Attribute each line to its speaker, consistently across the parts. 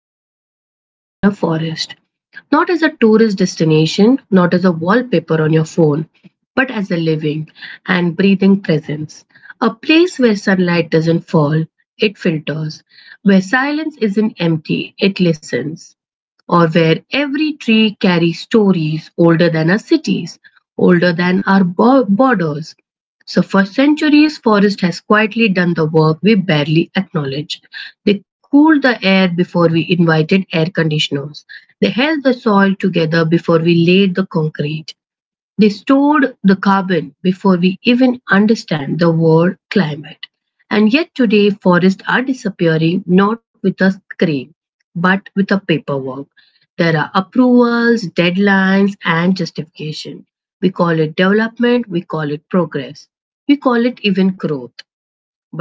Speaker 1: moment and imagine a forest, not as a tourist destination, not as a wallpaper on your phone, but as a living and breathing presence. A place where sunlight doesn't fall, it filters, where silence isn't empty, it listens, or where every tree carries stories older than our cities, older than our borders. So, for centuries, forest has quietly done the work we barely acknowledge. They cooled the air before we invited air conditioners. They held the soil together before we laid the concrete. They stored the carbon before we even understand the word climate. And yet today forests are disappearing, not with a scream, but with a paperwork. There are approvals, deadlines, and justification. We call it development, we call it progress, we call it even growth.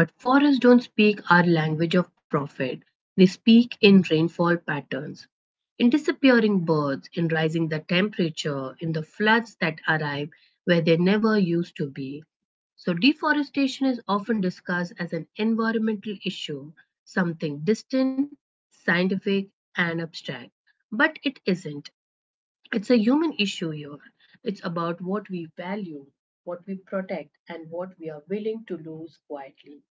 Speaker 1: But forests don't speak our language of profit, they speak in rainfall patterns, in disappearing birds, in rising the temperature, in the floods that arrive where they never used to be. So, deforestation is often discussed as an environmental issue, something distant, scientific, and abstract. But it isn't. It's a human issue here. It's about what we value, what we protect, and what we are willing to lose quietly.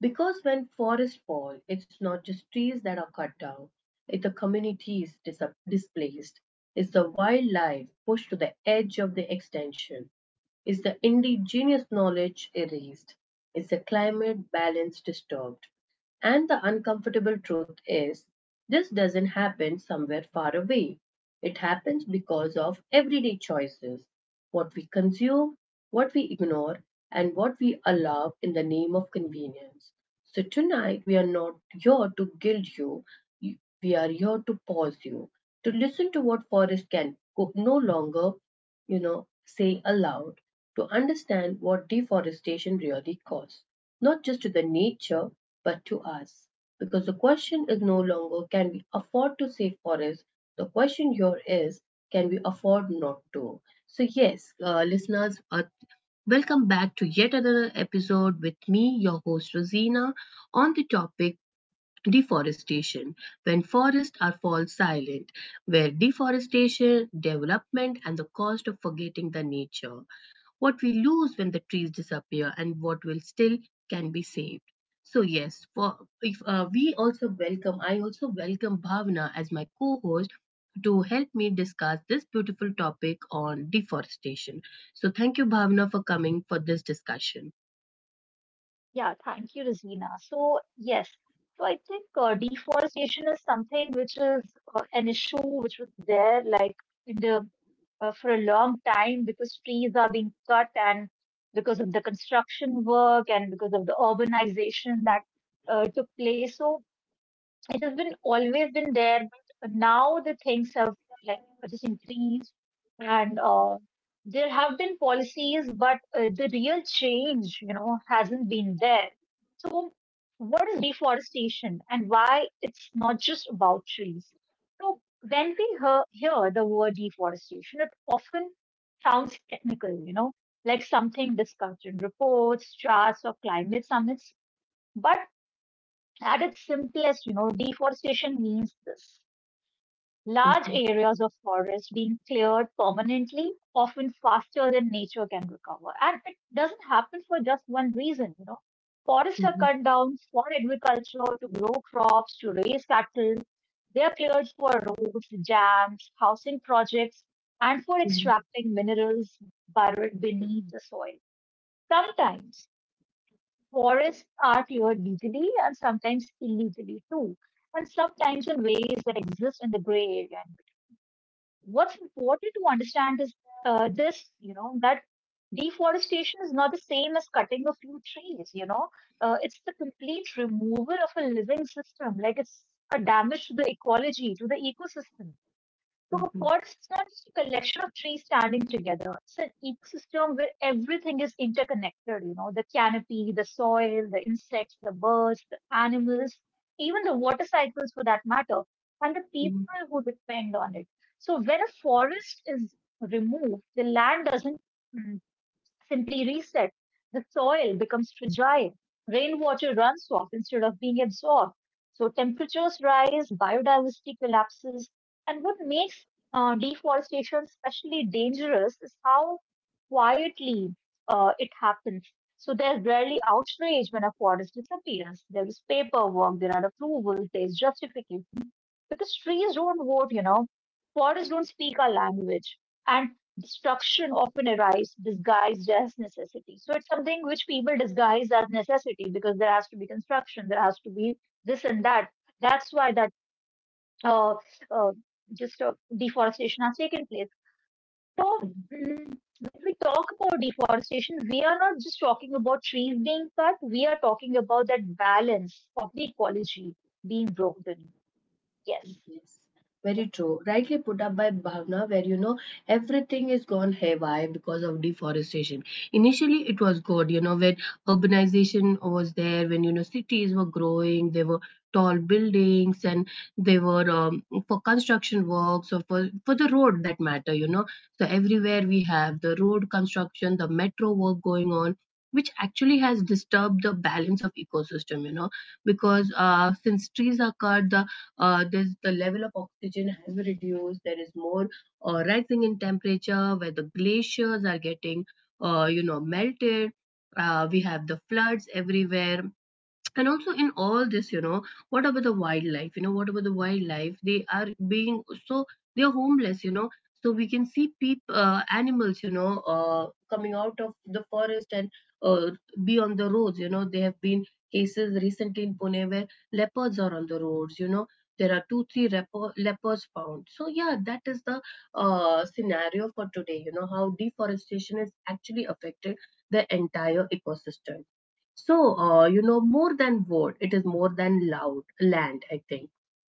Speaker 1: Because when forests fall, it's not just trees that are cut down, it's the communities displaced, it's the wildlife pushed to the edge of the extinction. Is the indigenous knowledge erased? Is the climate balance disturbed? And the uncomfortable truth is, this doesn't happen somewhere far away. It happens because of everyday choices: what we consume, what we ignore, and what we allow in the name of convenience. So, tonight we are not here to guilt you, we are here to pause you, to listen to what forest can no longer say aloud, to understand what deforestation really caused, not just to the nature, but to us. Because the question is no longer, can we afford to save forests? The question here is, can we afford not to? So, yes, listeners, welcome back to yet another episode with me, your host Rosina, on the topic deforestation, when forests are fall silent, where deforestation, development, and the cost of forgetting the nature, what we lose when the trees disappear and what will still can be saved. So yes, for, if we also welcome, I also welcome Bhavna as my co-host to help me discuss this beautiful topic on deforestation. So thank you, Bhavna, for coming for this discussion.
Speaker 2: Yeah, thank you, Rosina. So I think deforestation is something which is an issue which was there like in the for a long time because trees are being cut and because of the construction work and because of the urbanization that took place. So it has been always been there, but now the things have like just increased and there have been policies, but the real change, you know, hasn't been there. So, what is deforestation and why it's not just about trees? So, when we hear the word deforestation, it often sounds technical, you know, like something discussed in reports, charts, or climate summits. But at its simplest, you know, deforestation means this: large
Speaker 1: Mhm.
Speaker 2: areas of forest being cleared permanently, often faster than nature can recover. And it doesn't happen for just one reason, you know. Forests are
Speaker 1: Mhm.
Speaker 2: cut down for agriculture, to grow crops, to raise cattle. They are cleared for roads, dams, housing projects, and for
Speaker 1: Mhm.
Speaker 2: extracting minerals buried beneath the soil. Sometimes forests are cleared legally and sometimes illegally too, and sometimes in ways that exist in the gray area. What's important to understand is this, you know, that deforestation is not the same as cutting a few trees, you know. It's the complete removal of a living system, like it's a damage to the ecology, to the ecosystem. So a
Speaker 1: Mhm.
Speaker 2: forest is not just a collection of trees standing together. It's an ecosystem where everything is interconnected, you know, the canopy, the soil, the insects, the birds, the animals, even the water cycles for that matter, and the
Speaker 1: Mhm.
Speaker 2: people who depend on it. So when a forest is removed, the land doesn't simply reset. The soil becomes fragile. Rainwater runs off instead of being absorbed. So temperatures rise, biodiversity collapses. And what makes deforestation especially dangerous is how quietly it happens. So there's rarely outrage when a forest disappears. There is paperwork, there are approvals, there is justification. Because trees don't vote, you know. Forests don't speak our language. And destruction often arises disguised as necessity. So it's something which people disguise as necessity because there has to be construction, there has to be this and that. That's why that uh, uh, just deforestation has taken place. So
Speaker 1: Mhm.
Speaker 2: mm, when we talk about deforestation, we are not just talking about trees being cut. We are talking about that balance of the ecology being broken. Yes.
Speaker 1: Yes, very true. Rightly put up by Bhavna, where you know everything is gone haywire because of deforestation. Initially, it was good, you know, when urbanization was there, when you know cities were growing, there were tall buildings, and they were for construction works or for the road that matter, you know. So everywhere we have the road construction, the metro work going on. Which actually has disturbed the balance of ecosystem, you know, because since trees are cut, the does the level of oxygen has reduced, there is more rising in temperature, where the glaciers are getting you know, melted. We have the floods everywhere, and also in all this, you know, what about the wildlife, you know, what about the wildlife, they are being, so they are homeless, you know. So we can see peep animals, you know, coming out of the forest and uh, be on the roads, you know, there have been cases recently in Pune where leopards are on the roads, you know, there are two three leopards found. So yeah, that is the scenario for today, you know, how deforestation is actually affected the entire ecosystem. So, you know, more than wood, it is more than loud land, I think.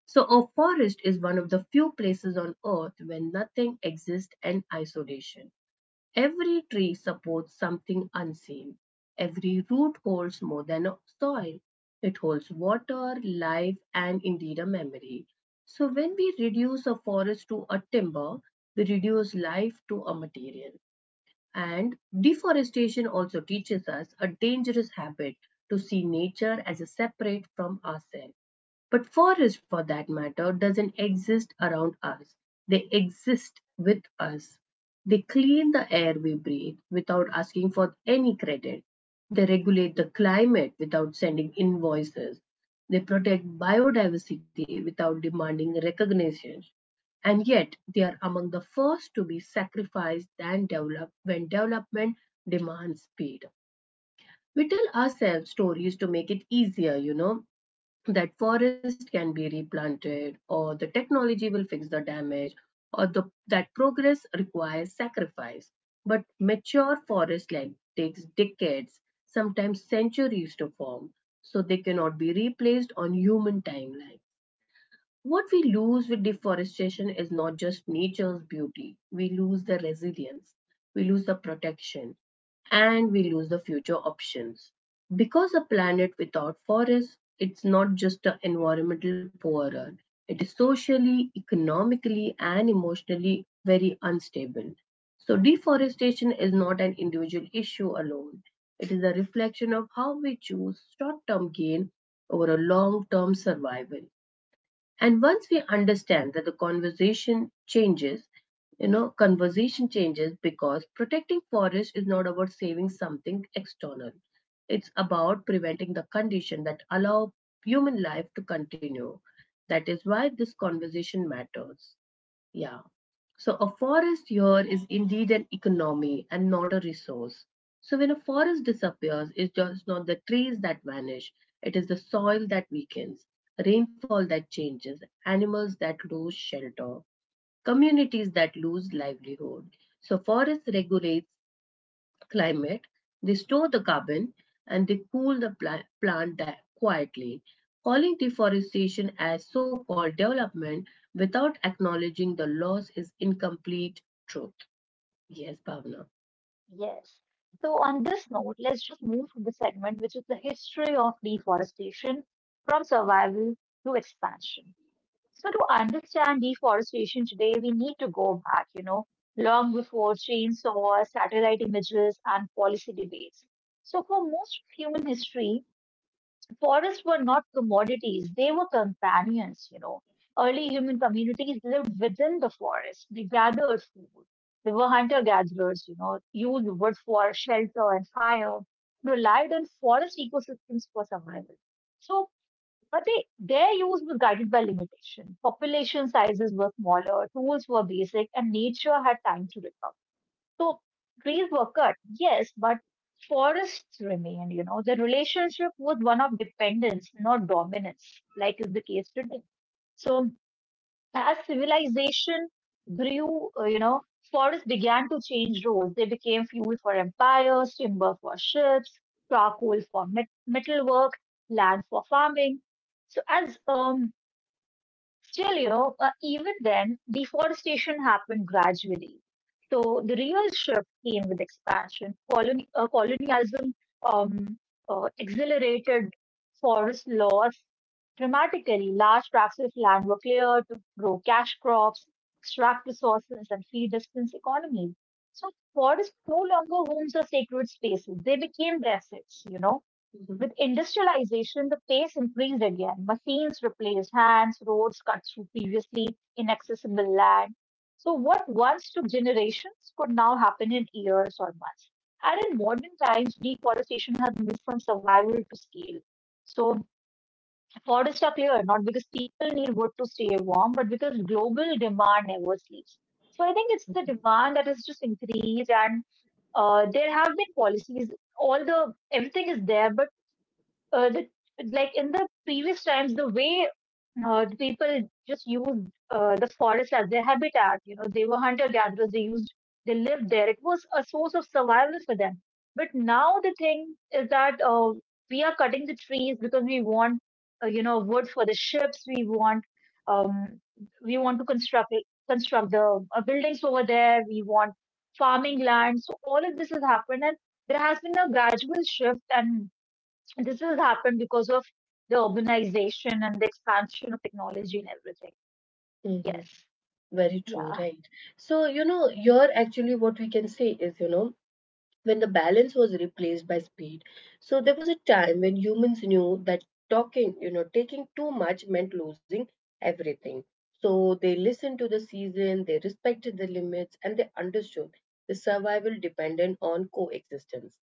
Speaker 1: So, a forest is one of the few places on earth when nothing exists in isolation. Every tree supports something unseen. Every root holds more than a soil. It holds water, life, and indeed a memory. So, when we reduce a forest to a timber, we reduce life to a material. And deforestation also teaches us a dangerous habit, to see nature as a separate from ourselves. But forests, for that matter, doesn't exist around us. They exist with us. They clean the air we breathe without asking for any credit. They regulate the climate without sending invoices. They protect biodiversity without demanding recognition. And yet, they are among the first to be sacrificed than developed when development demands speed. We tell ourselves stories to make it easier, you know, that forest can be replanted, or the technology will fix the damage, or the, that progress requires sacrifice. But mature forest land takes decades, sometimes centuries to form, so they cannot be replaced on human timelines. What we lose with deforestation is not just nature's beauty, we lose the resilience, we lose the protection, and we lose the future options. Because a planet without forests, it's not just an environmental poorer, it is socially, economically, and emotionally very unstable. So, deforestation is not an individual issue alone. It is a reflection of how we choose short term gain over a long term survival. And once we understand that, the conversation changes, you know, conversation changes, because protecting forest is not about saving something external. It's about preventing the condition that allow human life to continue. That is why this conversation matters. Yeah. So a forest here is indeed an economy and not a resource. So when a forest disappears, it's just not the trees that vanish, it is the soil that weakens, rainfall that changes, animals that lose shelter, communities that lose livelihood. So forest regulates climate, they store the carbon, and they cool the plant quietly. Calling deforestation as so called development without acknowledging the loss is incomplete truth. Yes, Bhavna.
Speaker 2: Yes. So on this note, let's just move to the segment, which is the history of deforestation from survival to expansion. So to understand deforestation today, we need to go back, you know, long before chainsaws, satellite images, and policy debates. So for most of human history, forests were not commodities, they were companions, you know. Early human communities lived within the forest. They gathered food. They were hunter gatherers, you know, used wood for shelter and fire, relied on forest ecosystems for survival. So, but they, their use was guided by limitation. Population sizes were smaller, tools were basic, and nature had time to recover. So trees were cut, yes, but forests remained, you know. The relationship was one of dependence, not dominance, like is the case today. So as civilization grew, you know, forests began to change roles. They became fuel for empires, timber for ships, charcoal for metalwork, land for farming. So as Still, you know, even then, deforestation happened gradually. So the real shift came with expansion. Colonialism um, accelerated forest loss dramatically. Large tracts of land were cleared to grow cash crops, extract resources, and feed distance economies. So forests no longer homes or sacred spaces. They became deserts, you know.
Speaker 1: Mhm.
Speaker 2: With industrialization, the pace increased again. Machines replaced hands, roads cut through previously inaccessible land. So, what once took generations could now happen in years or months. And in modern times, deforestation has moved from survival to scale. So, forests are cleared not because people need wood to stay warm, but because global demand never sleeps. So, I think it's the demand that has just increased, and there have been policies. All the everything is there, but uh, the, like in the previous times, the way the people just used the forest as their habitat, you know, they were hunter gatherers, they used, they lived there. It was a source of survival for them. But now the thing is that we are cutting the trees because we want, you know, wood for the ships. Um, we want to construct the buildings over there. We want farming land. So all of this has happened, and there has been a gradual shift and this has happened because of the urbanization and the expansion of technology and everything.
Speaker 1: Mhm.
Speaker 2: Yes.
Speaker 1: Very true,
Speaker 2: Yeah.
Speaker 1: right? So, you know, here actually what we can say is, you know, when the balance was replaced by speed. So there was a time when humans knew that talking, you know, taking too much meant losing everything. So they listened to the season, they respected the limits, and they understood the survival depended on coexistence.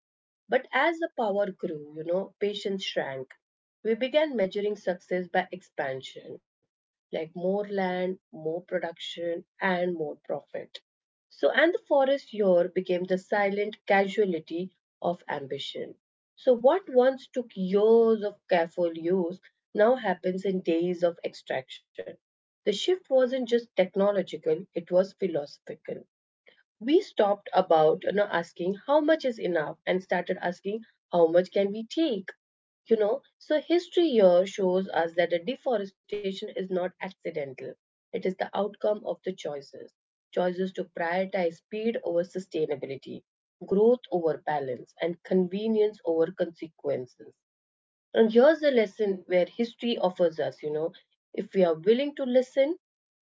Speaker 1: But as the power grew, you know, patience shrank. We began measuring success by expansion, like more land, more production, and more profit. So, and the forest here became the silent casualty of ambition. So, what once took years of careful use now happens in days of extraction. The shift wasn't just technological, it was philosophical. We stopped about, you know, asking how much is enough and started asking how much can we take, you know. So history here shows us that the deforestation is not accidental, it is the outcome of the choices, choices to prioritize speed over sustainability, growth over balance, and convenience over consequences. And here's a lesson where history offers us, you know, if we are willing to listen.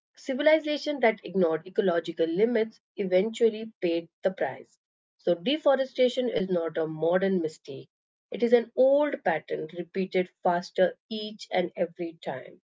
Speaker 1: Civilization that ignored ecological limits eventually paid the price. So, deforestation is not a modern mistake. It is an old pattern repeated faster each and every time.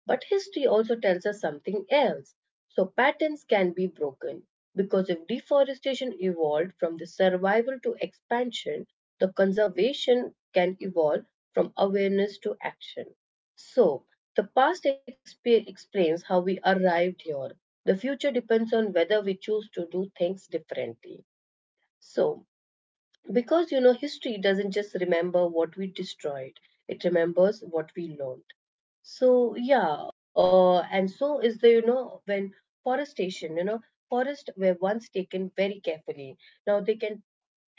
Speaker 1: But history also tells us something else. So, patterns can be broken, because if deforestation evolved from the survival to expansion, the conservation can evolve from awareness to action. So, the past explains how we arrived here. The future depends on whether we choose to do things differently. So, because you know, history doesn't just remember what we destroyed, it remembers what we learned. So, yeah, and so is the, you know, when forestation, you know, forests were once taken very carefully. Now they can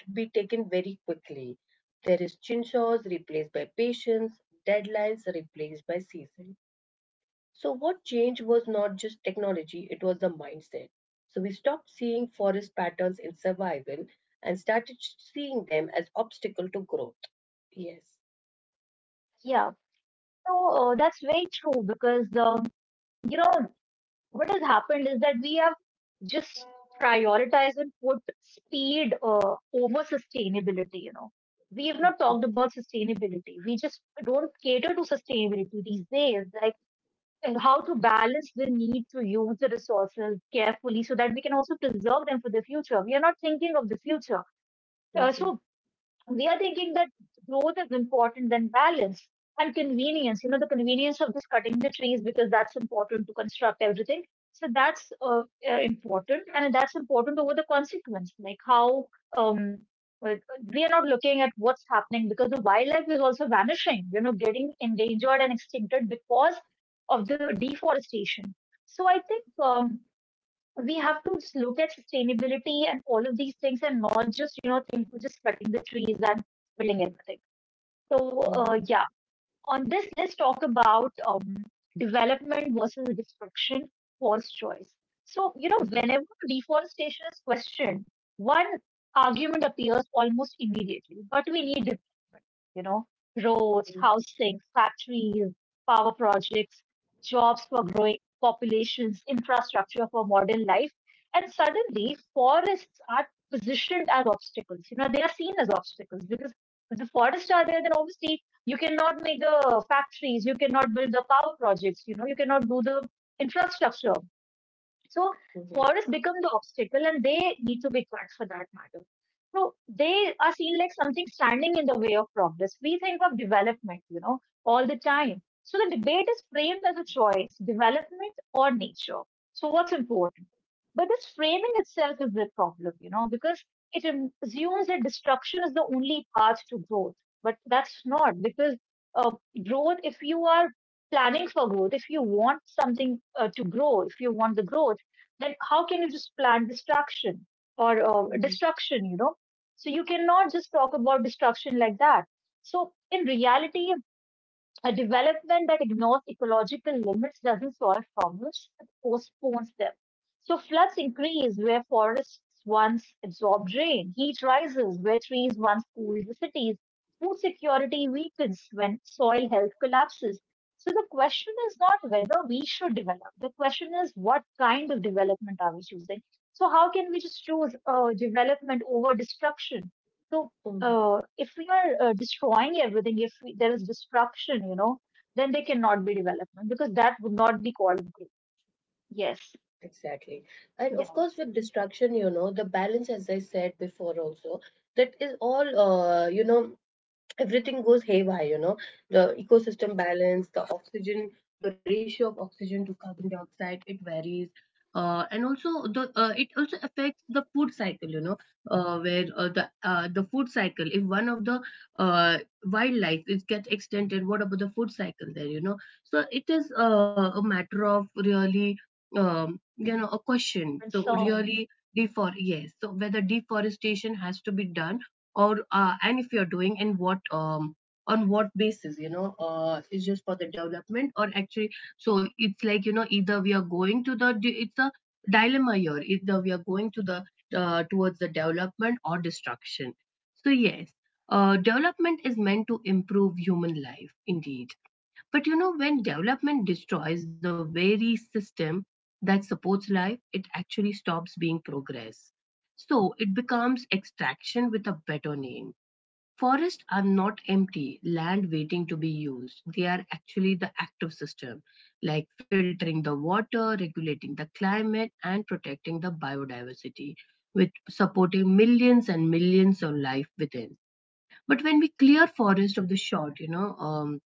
Speaker 1: be taken very quickly. There is chinsaws replaced by patience, deadlines replaced by season. So, what changed was not just technology, it was the mindset. So, we stopped seeing forest patterns in survival and started seeing them as obstacle to growth. Yes.
Speaker 2: Yeah. So that's very true because, um, you know, what has happened is that we have just prioritized and put speed over sustainability, you know. We have not
Speaker 1: Mhm.
Speaker 2: talked about sustainability. We just don't cater to sustainability these days. Like, and how to balance the need to use the resources carefully so that we can also preserve them for the future. We are not thinking of the future. So
Speaker 1: Mhm.
Speaker 2: we are thinking that growth is important than balance and convenience. You know, the convenience of just cutting the trees because that's important to construct everything. So that's important, and that's important over the consequence. Like how um, we are not looking at what's happening because the wildlife is also vanishing. You know, getting endangered and extincted because of the deforestation. So I think. We have to just look at sustainability and all of these things and not just, you know, think we just cutting the trees and building everything. So,
Speaker 1: Mhm.
Speaker 2: yeah. On this, let's talk about development versus destruction, false choice. So, you know,
Speaker 1: Mhm.
Speaker 2: whenever deforestation is questioned, one argument appears almost immediately, but we need development, you know, roads,
Speaker 1: Mhm.
Speaker 2: housing, factories, power projects, jobs for growing populations, infrastructure for modern life. And suddenly, forests are positioned as obstacles. You know, they are seen as obstacles because if the forests are there, then obviously you cannot make the factories, you cannot build the power projects, you know, you cannot do the infrastructure. So
Speaker 1: Mhm.
Speaker 2: forests become the obstacle and they need to be cut for that matter. So they are seen like something standing in the way of progress. We think of development, you know, all the time. So the debate is framed as a choice, development or nature. So what's important? But this framing itself is the problem, you know, because it assumes that destruction is the only path to growth. But that's not because uh, growth, if you are planning for growth, if you want something to grow, if you want the growth, then how can you just plant destruction or
Speaker 1: Mhm.
Speaker 2: destruction, you know? So you cannot just talk about destruction like that. So in reality, a development that ignores ecological limits doesn't solve problems, it postpones them. So floods increase where forests once absorbed rain, heat rises where trees once cooled the cities, food security weakens when soil health collapses. So the question is not whether we should develop, the question is what kind of development are we choosing? So how can we just choose development over destruction? So
Speaker 1: Mhm.
Speaker 2: if we are destroying everything, if we, there is destruction, you know, then they cannot be development because that would not be called growth. Yes,
Speaker 1: Exactly. And of
Speaker 2: yeah,
Speaker 1: course, with destruction, you know, the balance, as I said before, also, that is all, you know, everything goes haywire, you know, the ecosystem balance, the oxygen, the ratio of oxygen to carbon dioxide, it varies. And also the it also affects the food cycle, you know, where the food cycle, if one of the uh, wildlife is gets extended, what about the food cycle there, you know? So it is a matter of really, you know, a question, so
Speaker 2: concern.
Speaker 1: really defor yes, so whether deforestation has to be done, or and if you're doing, and what, on what basis, you know, it's just for the development or actually. So it's like, you know, either we are going to the, it's a dilemma here, either we are going to the towards the development or destruction. So yes, development is meant to improve human life indeed, but you know, when development destroys the very system that supports life, it actually stops being progress. So it becomes extraction with a better name. Forests are not empty land waiting to be used. They are actually the active system, like filtering the water, regulating the climate, and protecting the biodiversity, with supporting millions and millions of life within. But when we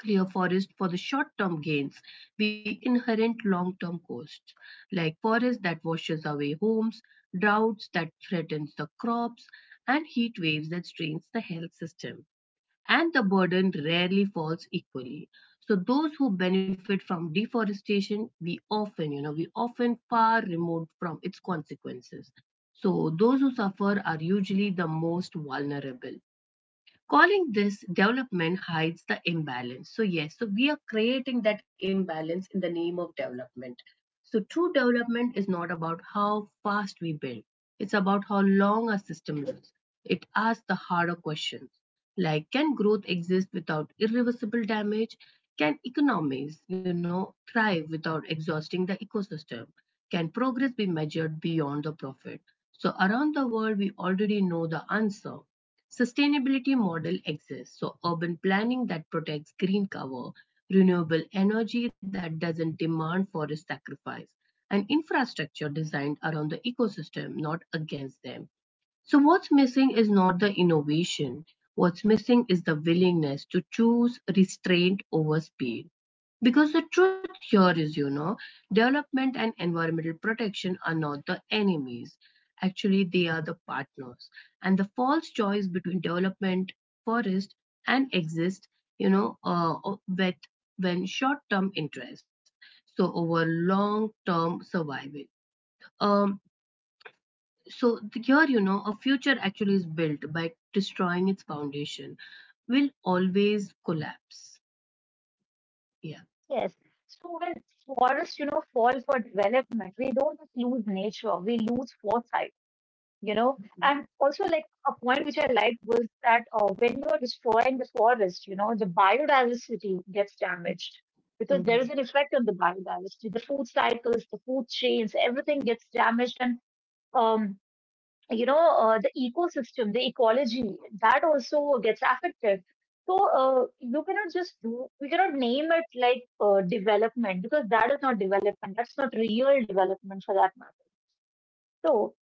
Speaker 1: clear forest for the short-term gains, we inherit long-term costs, like forest that washes away homes, droughts that threatens the crops, and heat waves that strains the health system. And the burden rarely falls equally. So those who benefit from deforestation, we often far removed from its consequences. So those who suffer are usually the most vulnerable. Calling this development hides the imbalance. So, yes, so we are creating that imbalance in the name of development. So, true development is not about how fast we build, it's about how long our system lives. It asks the harder questions, like, can growth exist without irreversible damage? Can economies, you know, thrive without exhausting the ecosystem? Can progress be measured beyond the profit? So, around the world, we already know the answer. Sustainability model exists, so urban planning that protects green cover, renewable energy that doesn't demand forest sacrifice, and infrastructure designed around the ecosystem, not against them. So, what's missing is not the innovation. What's missing is the willingness to choose restraint over speed. Because the truth here is, you know, development and environmental protection are not the enemies. Actually, they are the partners. And the false choice between development, forest, and exist, you know, with when short-term interests, so over long-term survival. Um so here, you know, a future actually is built by destroying its foundation, will always collapse, yeah.
Speaker 2: Yes. So when forests, you know, fall for development, we don't just lose nature, we lose foresight, you know.
Speaker 1: Mhm.
Speaker 2: And also, like a point which I liked was that when you are destroying the forest, you know, the biodiversity gets damaged because there is
Speaker 1: Mhm.
Speaker 2: an effect on the biodiversity. The food cycles, the food chains, everything gets damaged and um, you know, the ecosystem, the ecology, that also gets affected. So you cannot just do, we cannot name it like development because that is not development. That's not real development for that matter. So,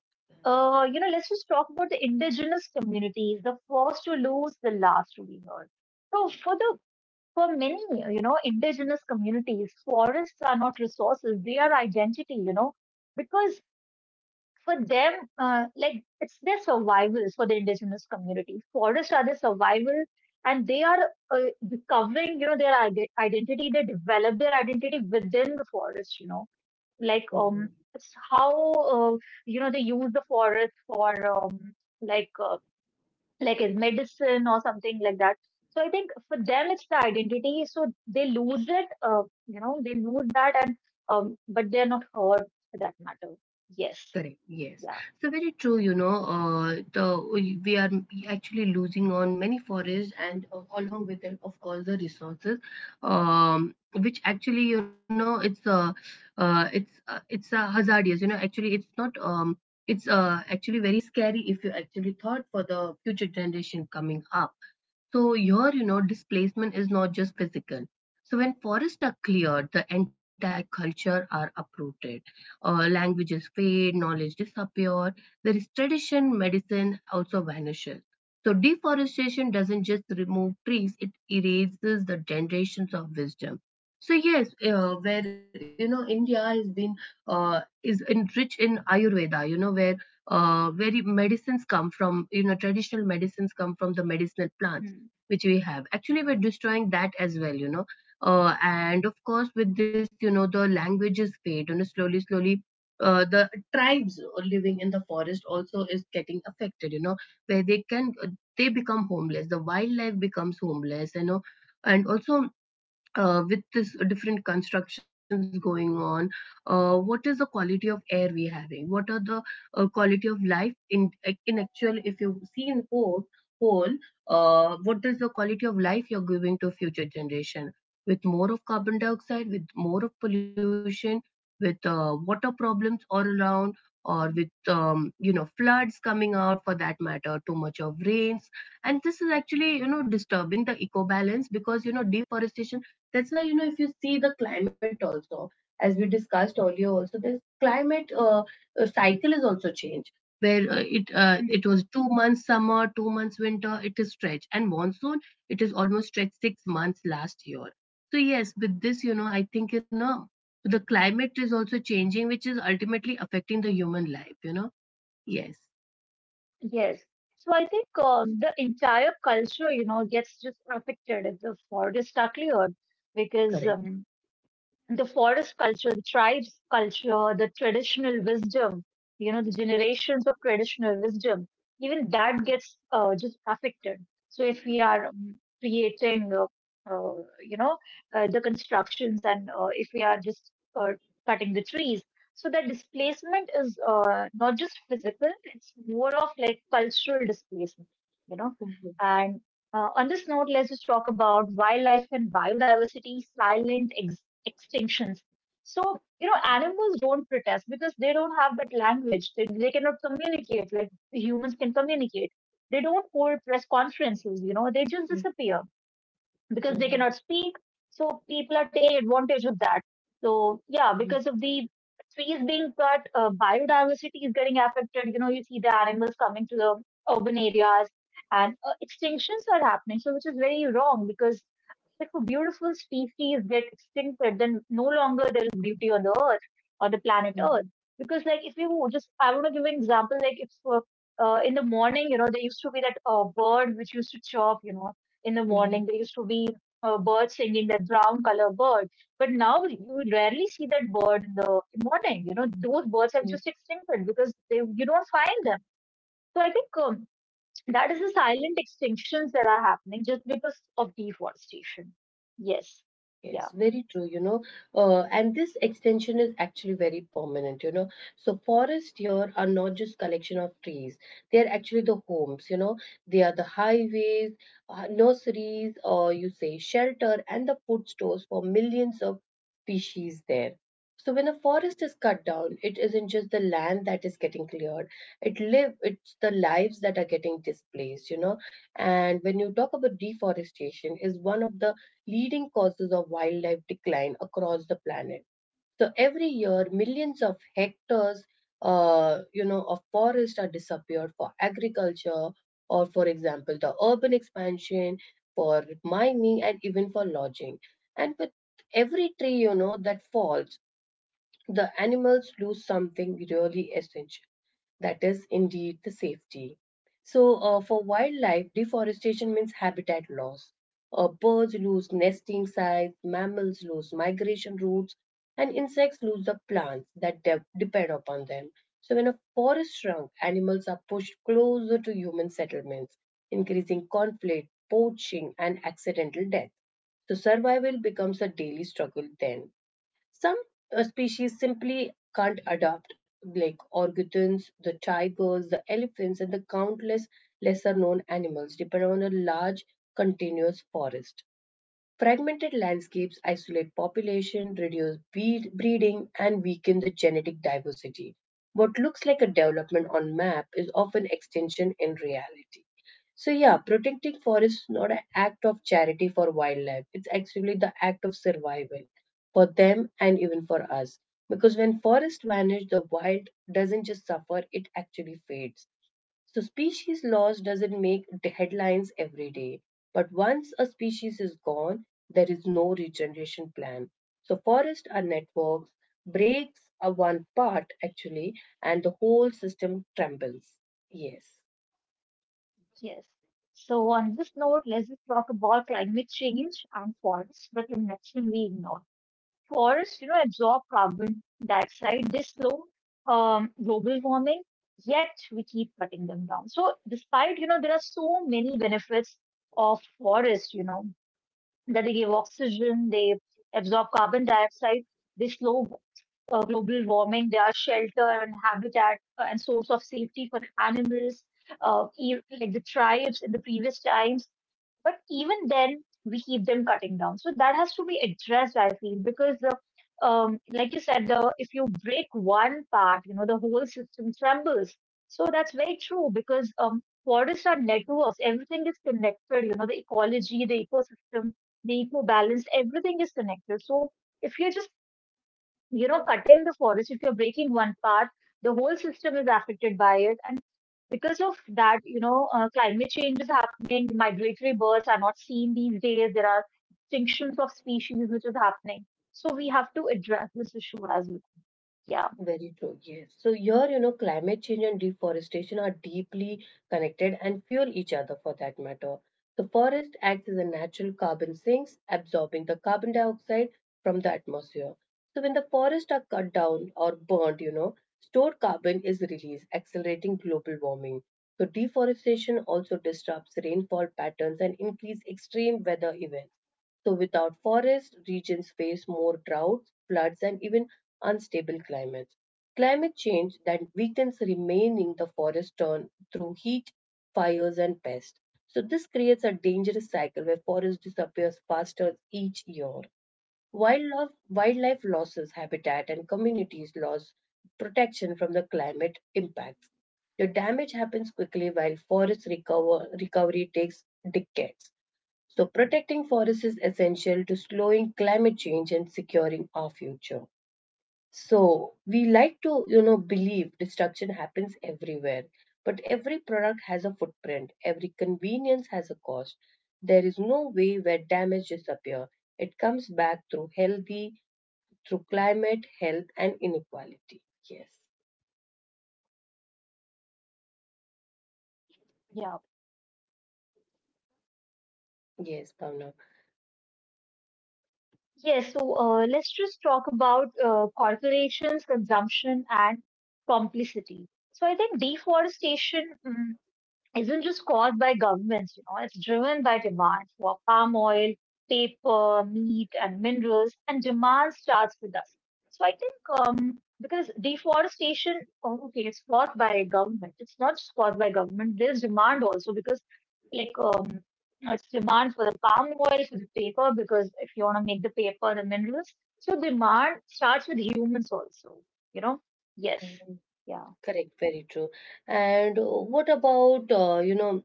Speaker 2: you know, let's just talk about the indigenous communities, the first to lose, the last to be heard. So for many, you know, indigenous communities, forests are not resources; they are identity. You know, because for them, like it's their survival for the indigenous community. Forests are their survival, and they are recovering, you know, their identity. They develop their identity within the forest. You know, like
Speaker 1: Mhm.
Speaker 2: it's how uh, you know they use the forest for like uh, like as medicine or something like that. So I think for them it's the identity. So they lose it. You know, they lose that, and but they're not hurt for that matter. Yes.
Speaker 1: Correct. Yes.
Speaker 2: Yeah.
Speaker 1: So very true. You know, the we are actually losing on many forests, and along with them, of course, the resources, which actually, you know, it's hazardous. You know, actually, it's not. It's actually very scary if you actually thought for the future generation coming up. So displacement is not just physical. So when forests are cleared, the entire culture are uprooted. Languages fade, knowledge disappear. There is tradition, medicine also vanishes. So deforestation doesn't just remove trees; it erases the generations of wisdom. So yes, where, you know, India has been rich in Ayurveda. You know where very medicines come from. You know, traditional medicines come from the medicinal plant,
Speaker 2: Hmm.
Speaker 1: which we have actually, we're destroying that as well, you know. And of course, with this, you know, the languages fade, you know, slowly slowly, the tribes living in the forest also is getting affected, you know, where they can, they become homeless, the wildlife becomes homeless, you know. And also, with this different constructions going on, what is the quality of air we are having, what are the quality of life in actual, if you see in whole, whole what is the quality of life you're giving to future generation, with more of carbon dioxide, with more of pollution, with water problems all around, or with you know, floods coming out, for that matter too much of rains, and this is actually, you know, disturbing the eco balance because, you know, deforestation, that's why, you know, if you see the climate also, as we discussed earlier, also the climate cycle is also changed. Where it
Speaker 2: Mm,
Speaker 1: was 2 months summer, 2 months winter, it is stretched, and monsoon it is almost stretched 6 months last year. So yes, with this, you know, I think, you know, the climate is also changing, which is ultimately affecting the human life. You know, yes,
Speaker 2: yes. So I think the entire culture, you know, gets just affected if the forest are cleared because
Speaker 1: correct.
Speaker 2: the forest culture, the tribes culture, the traditional wisdom, you know, the generations of traditional wisdom, even that gets just affected. So if we are creating, you know, the constructions and if we are just cutting the trees. So that displacement is not just physical, it's more of like cultural displacement, you know.
Speaker 1: Mhm,
Speaker 2: And on this note, let's just talk about wildlife and biodiversity, silent extinctions. So, you know, animals don't protest because they don't have that language. They cannot communicate like humans can communicate. They don't hold press conferences, you know, they just disappear because they
Speaker 1: mhm,
Speaker 2: cannot, so people are taking advantage of that. So yeah,
Speaker 1: mhm,
Speaker 2: because of the trees being cut, biodiversity is getting affected. You know, you see the animals coming to the urban areas and extinctions are happening. So which is very wrong because if a beautiful species get extincted, then no longer there is beauty on the earth or the planet
Speaker 1: mhm,
Speaker 2: Earth. Because like if you just, I want to give an example. Like if in the morning, you know, there used to be that bird which used to chirp, you know, in the morning.
Speaker 1: mhm,
Speaker 2: There used to be a bird singing, that brown color bird. But now you rarely see that bird in the morning. You know, those birds have
Speaker 1: mhm.
Speaker 2: just extincted because they, you don't find them. So I think that is the silent extinctions that are happening just because of deforestation. Yes.
Speaker 1: Yes,
Speaker 2: Yeah.
Speaker 1: very true, you know. And this extension is actually very permanent, you know. So forests here are not just collection of trees. They are actually the homes, you know. They are the highways, nurseries, or you say shelter and the food stores for millions of species there. So when a forest is cut down, it isn't just the land that is getting cleared. It's the lives that are getting displaced, you know. And when you talk about deforestation, is one of the leading causes of wildlife decline across the planet. So every year, millions of hectares, you know, of forest are disappeared for agriculture, or for example, the urban expansion, for mining, and even for lodging. And with every tree, you know, that falls, the animals lose something really essential, that is indeed the safety. So, for wildlife, deforestation means habitat loss. Birds lose nesting sites, mammals lose migration routes, and insects lose the plants that depend upon them. So, when a forest shrunk, animals are pushed closer to human settlements, increasing conflict, poaching, and accidental death. So, survival becomes a daily struggle then. Some species simply can't adapt, like orangutans, the tigers, the elephants, and the countless lesser known animals depend on a large continuous forest. Fragmented landscapes isolate population, reduce breeding, and weaken the genetic diversity. What looks like a development on map is often extension in reality. So yeah, protecting forests is not an act of charity for wildlife. It's actually the act of survival for them and even for us. Because when forests vanish, the wild doesn't just suffer, it actually fades. So species loss doesn't make the headlines every day, but once a species is gone, there is no regeneration plan. So forests are networks, breaks are one part actually, and the whole system trembles. Yes.
Speaker 2: Yes. So on this note, let's just talk about climate change and forests, but connection we ignore. Forests, you know, absorb carbon dioxide. They slow global warming, yet we keep cutting them down. So despite, you know, there are so many benefits of forests, you know, that they give oxygen, they absorb carbon dioxide, they slow global warming. They are shelter and habitat and source of safety for animals, like the tribes in the previous times. But even then, we keep them cutting down. So that has to be addressed, I feel, because the like you said, the, if you break one part, you know, the whole system trembles. So that's very true because forests are networks. Everything is connected. You know, the ecology, the ecosystem, the eco balance, everything is connected. So if you're just, you know, cutting the forest, if you're breaking one part, the whole system is affected by it. And because of that, you know, climate change is happening. Migratory birds are not seen these days. There are extinctions of species which is happening. So we have to address this issue as well. Yeah,
Speaker 1: Very true, yes. So here, you know, climate change and deforestation are deeply connected and fuel each other for that matter. The forest acts as a natural carbon sinks, absorbing the carbon dioxide from the atmosphere. So when the forests are cut down or burnt, you know, stored carbon is released, accelerating global warming. So deforestation also disrupts rainfall patterns and increase extreme weather events. So, without forests, regions face more droughts, floods, and even unstable climates. Climate change that weakens remaining the forest turn through heat, fires, and pests. So, this creates a dangerous cycle where forest disappears faster each year. Wildlife losses habitat and communities lose protection from the climate impacts. The damage happens quickly while forest recovery takes decades. So, protecting forests is essential to slowing climate change and securing our future. So, we like to, you know, believe destruction happens everywhere, but every product has a footprint, every convenience has a cost. There is no way where damage disappears. It comes back through climate, health, and inequality. Yes,
Speaker 2: yeah.
Speaker 1: yes, Pavna.
Speaker 2: Yes, so let's just talk about corporations, consumption, and complicity. So I think deforestation isn't just caused by governments, you know, it's driven by demand for palm oil, paper, meat, and minerals, and demand starts with us. So I think because deforestation, oh, okay, it's caused by government. It's not just caused by government. There's demand also because like it's demand for the palm oil, for the paper, because if you want to make the paper, the minerals. So demand starts with humans also. You know, yes,
Speaker 1: Mhm.
Speaker 2: yeah.
Speaker 1: Correct, very true. And what about, you know,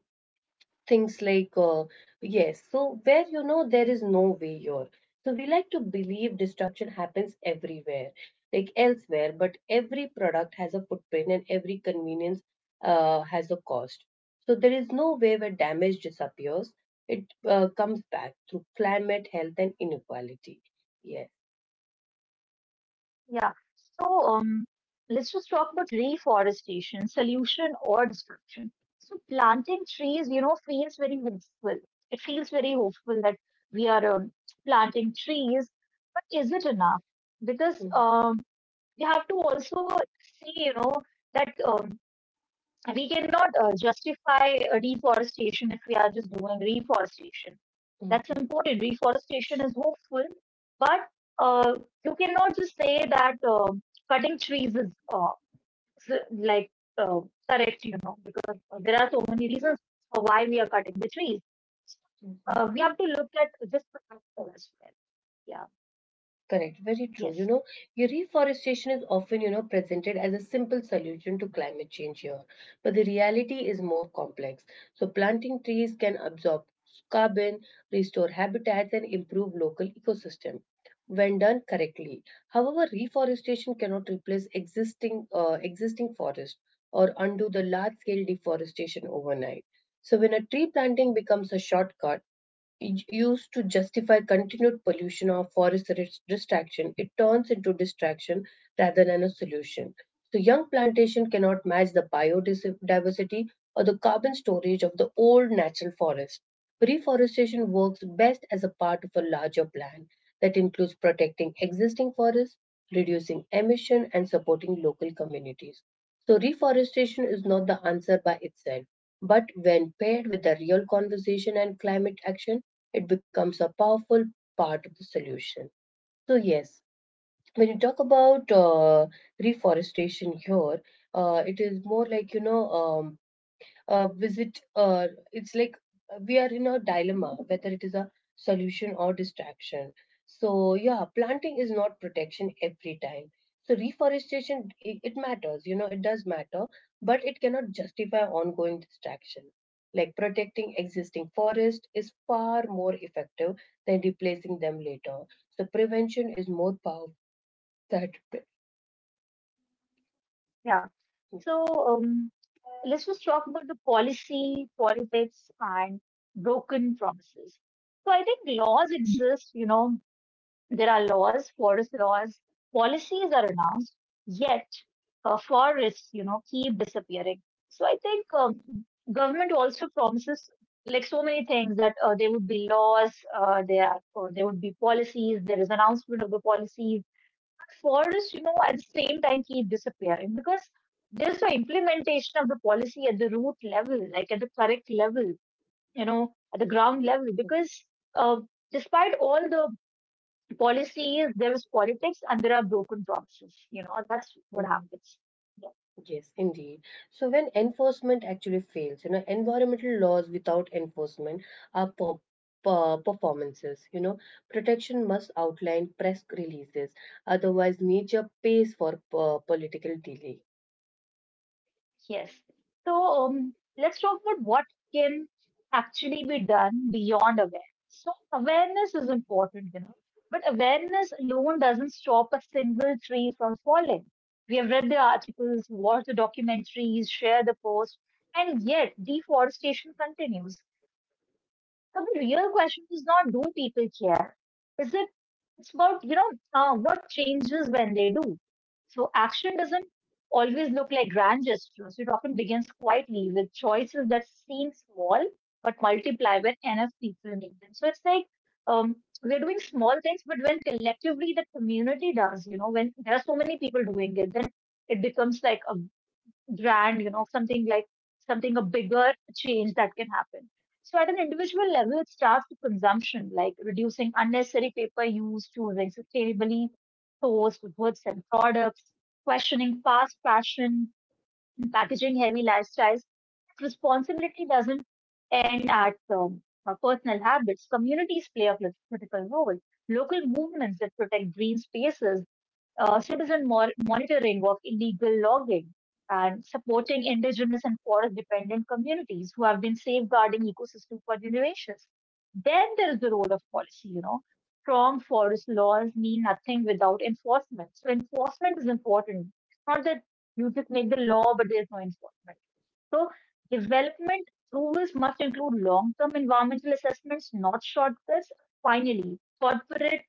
Speaker 1: things like, yes, so where, you know, there is no way here, so we like to believe destruction happens everywhere, like elsewhere, but every product has a footprint, and every convenience has a cost, so there is no way where damage disappears, it comes back through climate health and inequality, yes.
Speaker 2: Yeah. So let's just talk about reforestation, solution or destruction. So planting trees, you know, feels very hopeful. It feels very hopeful that we are planting trees, but is it enough? Because
Speaker 1: Mhm,
Speaker 2: we have to also see, you know, that we cannot justify deforestation if we are just doing reforestation. That's
Speaker 1: mhm,
Speaker 2: important. Reforestation is hopeful, but uh, you cannot just say that cutting trees is like uh, correct, you know, because there are so many reasons for why we are cutting the trees.
Speaker 1: mhm.
Speaker 2: We have to look at just the factor as well. Yeah.
Speaker 1: Correct, very true. You
Speaker 2: Yes.
Speaker 1: know, reforestation is often, you know, presented as a simple solution to climate change here, but the reality is more complex. So, planting trees can absorb carbon, restore habitats, and improve local ecosystem when done correctly. However, reforestation cannot replace existing forest or undo the large-scale deforestation overnight. So, when a tree planting becomes a shortcut used to justify continued pollution or forest distraction, it turns into distraction rather than a solution. So, young plantation cannot match the biodiversity or the carbon storage of the old natural forest. Reforestation works best as a part of a larger plan that includes protecting existing forests, reducing emission, and supporting local communities. So, reforestation is not the answer by itself, but when paired with the real conversation and climate action, it becomes a powerful part of the solution. So, yes, when you talk about reforestation here, it is more like, you know, visit it's like we are in a dilemma whether it is a solution or distraction. So yeah, planting is not protection every time. So reforestation, it matters, you know, it does matter, but it cannot justify ongoing distraction, like protecting existing forest is far more effective than replacing them later, so prevention is more powerful
Speaker 2: Yeah. So let's just talk about the policy, politics, and broken promises. So I think laws exist, you know. There are laws, forest laws, policies are announced, yet forests, you know, keep disappearing. So I think government also promises like so many things that there would be laws, there are, or there would be policies, there is announcement of the policies. But forests, you know, at the same time keep disappearing because there's no implementation of the policy at the root level, like at the correct level, you know, at the ground
Speaker 1: than
Speaker 2: level, because uh, despite all the, policy is there, is politics and there are broken promises. You know, that's what happens. Yeah.
Speaker 1: Yes, indeed. So when enforcement actually fails, you know, environmental laws without enforcement are performances. You know, protection must outline press releases, otherwise nature pays for political delay.
Speaker 2: Yes. So let's talk about what can actually be done beyond awareness. So awareness is important, you know, but awareness alone doesn't stop a single tree from falling. We have read the articles, watched the documentaries, shared the posts, and yet deforestation continues. So the real question is not, do people care? Is it, it's about, you know, what changes when they do. So action doesn't always look like grand gestures, it often begins quietly with choices that seem small but multiply when enough people make them. So it's like, um, we're doing small things, but when collectively the community does, you know, when there are so many people doing it, then it becomes like a grand, you know, something like something, a bigger change that can happen. So at an individual level, it starts with consumption, like reducing unnecessary paper use, choosing sustainably sourced goods and products, questioning fast fashion and packaging heavy lifestyles. Responsibility doesn't end at personal habits. Communities play a critical role. Local movements that protect green spaces, citizen monitoring of illegal logging, and supporting indigenous and forest dependent communities who have been safeguarding ecosystem for generations. Then there is the role of policy, you know. Strong forest laws mean nothing without enforcement. So enforcement is important. It's not that you just make the law, but there's no enforcement. So development rules must include long-term environmental assessments, not shortcuts. Finally, corporate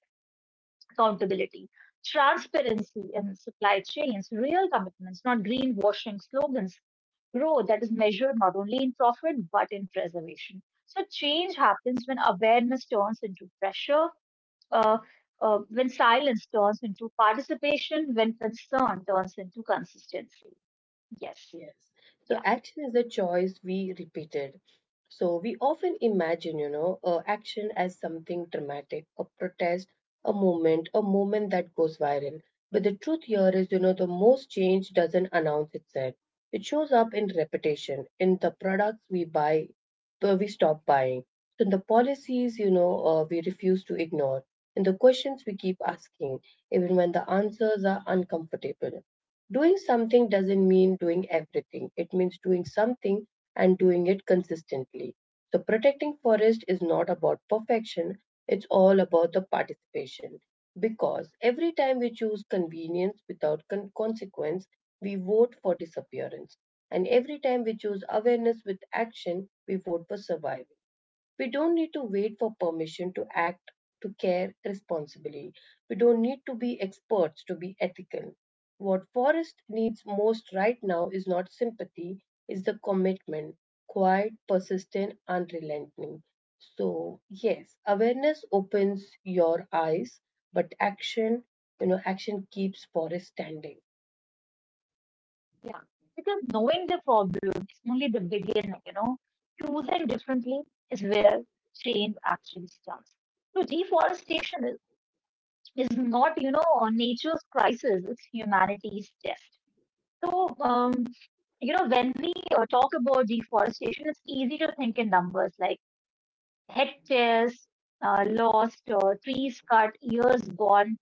Speaker 2: accountability, transparency in supply chains, real commitments, not greenwashing slogans, growth that is measured not only in profit but in preservation. So change happens when awareness turns into pressure, uh, when silence turns into participation, when concern turns into consistency. Yes,
Speaker 1: Yes. So
Speaker 2: yeah,
Speaker 1: action is a choice we repeated. So we often imagine, you know, action as something dramatic, a protest, a moment that goes viral. But the truth here is, you know, the most change doesn't announce itself. It shows up in repetition, in the products we buy, we stop buying, in the policies, you know, we refuse to ignore, in the questions we keep asking, even when the answers are uncomfortable. Doing something doesn't mean doing everything. It means doing something and doing it consistently. So protecting forest is not about perfection, it's all about the participation. Because every time we choose convenience without consequence, we vote for disappearance. And every time we choose awareness with action, we vote for survival. We don't need to wait for permission to act, to care responsibly. We don't need to be experts to be ethical. What forest needs most right now is not sympathy, is the commitment, quiet, persistent, unrelenting. So, yes, awareness opens your eyes, but action, you know, action keeps forest standing.
Speaker 2: yeah. Because knowing the problem is only the beginning, you know. Choosing differently is where change actually starts. So deforestation is not, you know, nature's crisis, it's humanity's test. So, you know, when we talk about deforestation, it's easy to think in numbers like hectares uh, lost, trees cut, years gone.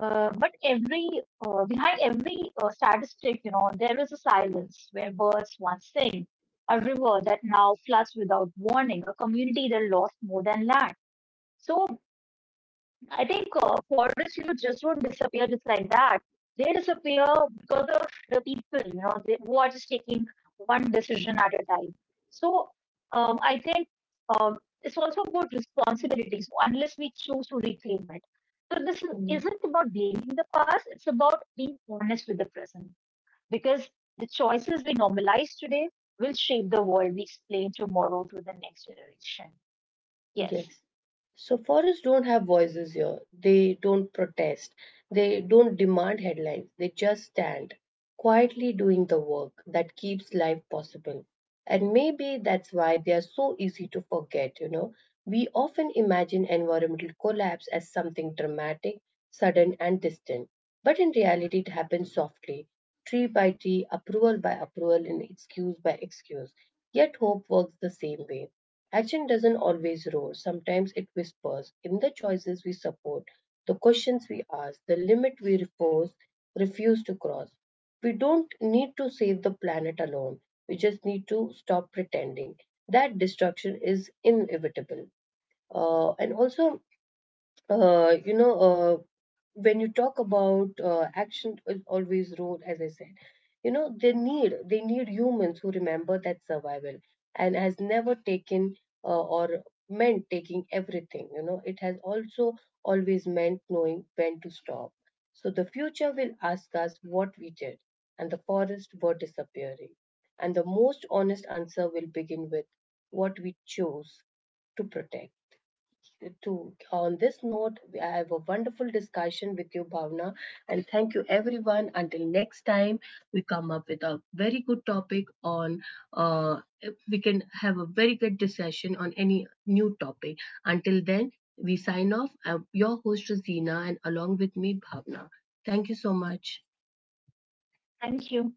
Speaker 2: But every behind every statistic, you know, there is a silence where birds once sing, a river that now floods without warning, a community that lost more than land. So I think forests, you know, just don't disappear just like that. They disappear because of the people, you know, they, who are just taking one decision at a time. So I think um, it's also about responsibilities, so, unless we choose to reclaim it. So this isn't about blaming the past, it's about being honest with the present. Because the choices we normalize today will shape the world we explain tomorrow to the next generation. Yes.
Speaker 1: Yes. So forests don't have voices here. They don't protest. They don't demand headlines. They just stand quietly doing the work that keeps life possible. And maybe that's why they are so easy to forget, you know. We often imagine environmental collapse as something dramatic, sudden, and distant. But in reality, it happens softly, tree by tree, approval by approval, and excuse by excuse. Yet hope works the same way. Action doesn't always roar, sometimes it whispers in the choices we support, the questions we ask, the limit we refuse to cross. We don't need to save the planet alone, we just need to stop pretending that destruction is inevitable. And also, you know, when you talk about action is always road as I said, you know, they need humans who remember that survival and has never taken, uh, or meant taking everything, you know, it has also always meant knowing when to stop. So the future will ask us what we did and the forests were disappearing, and the most honest answer will begin with what we chose to protect. To On this note, I have a wonderful discussion with you, Bhavna, and thank you everyone. Until next time, we come up with a very good topic on. Uh, we can have a very good discussion on any new topic. Until then, we sign off. I'm your host Rosina, and along with me, Bhavna. Thank you so much.
Speaker 2: Thank you.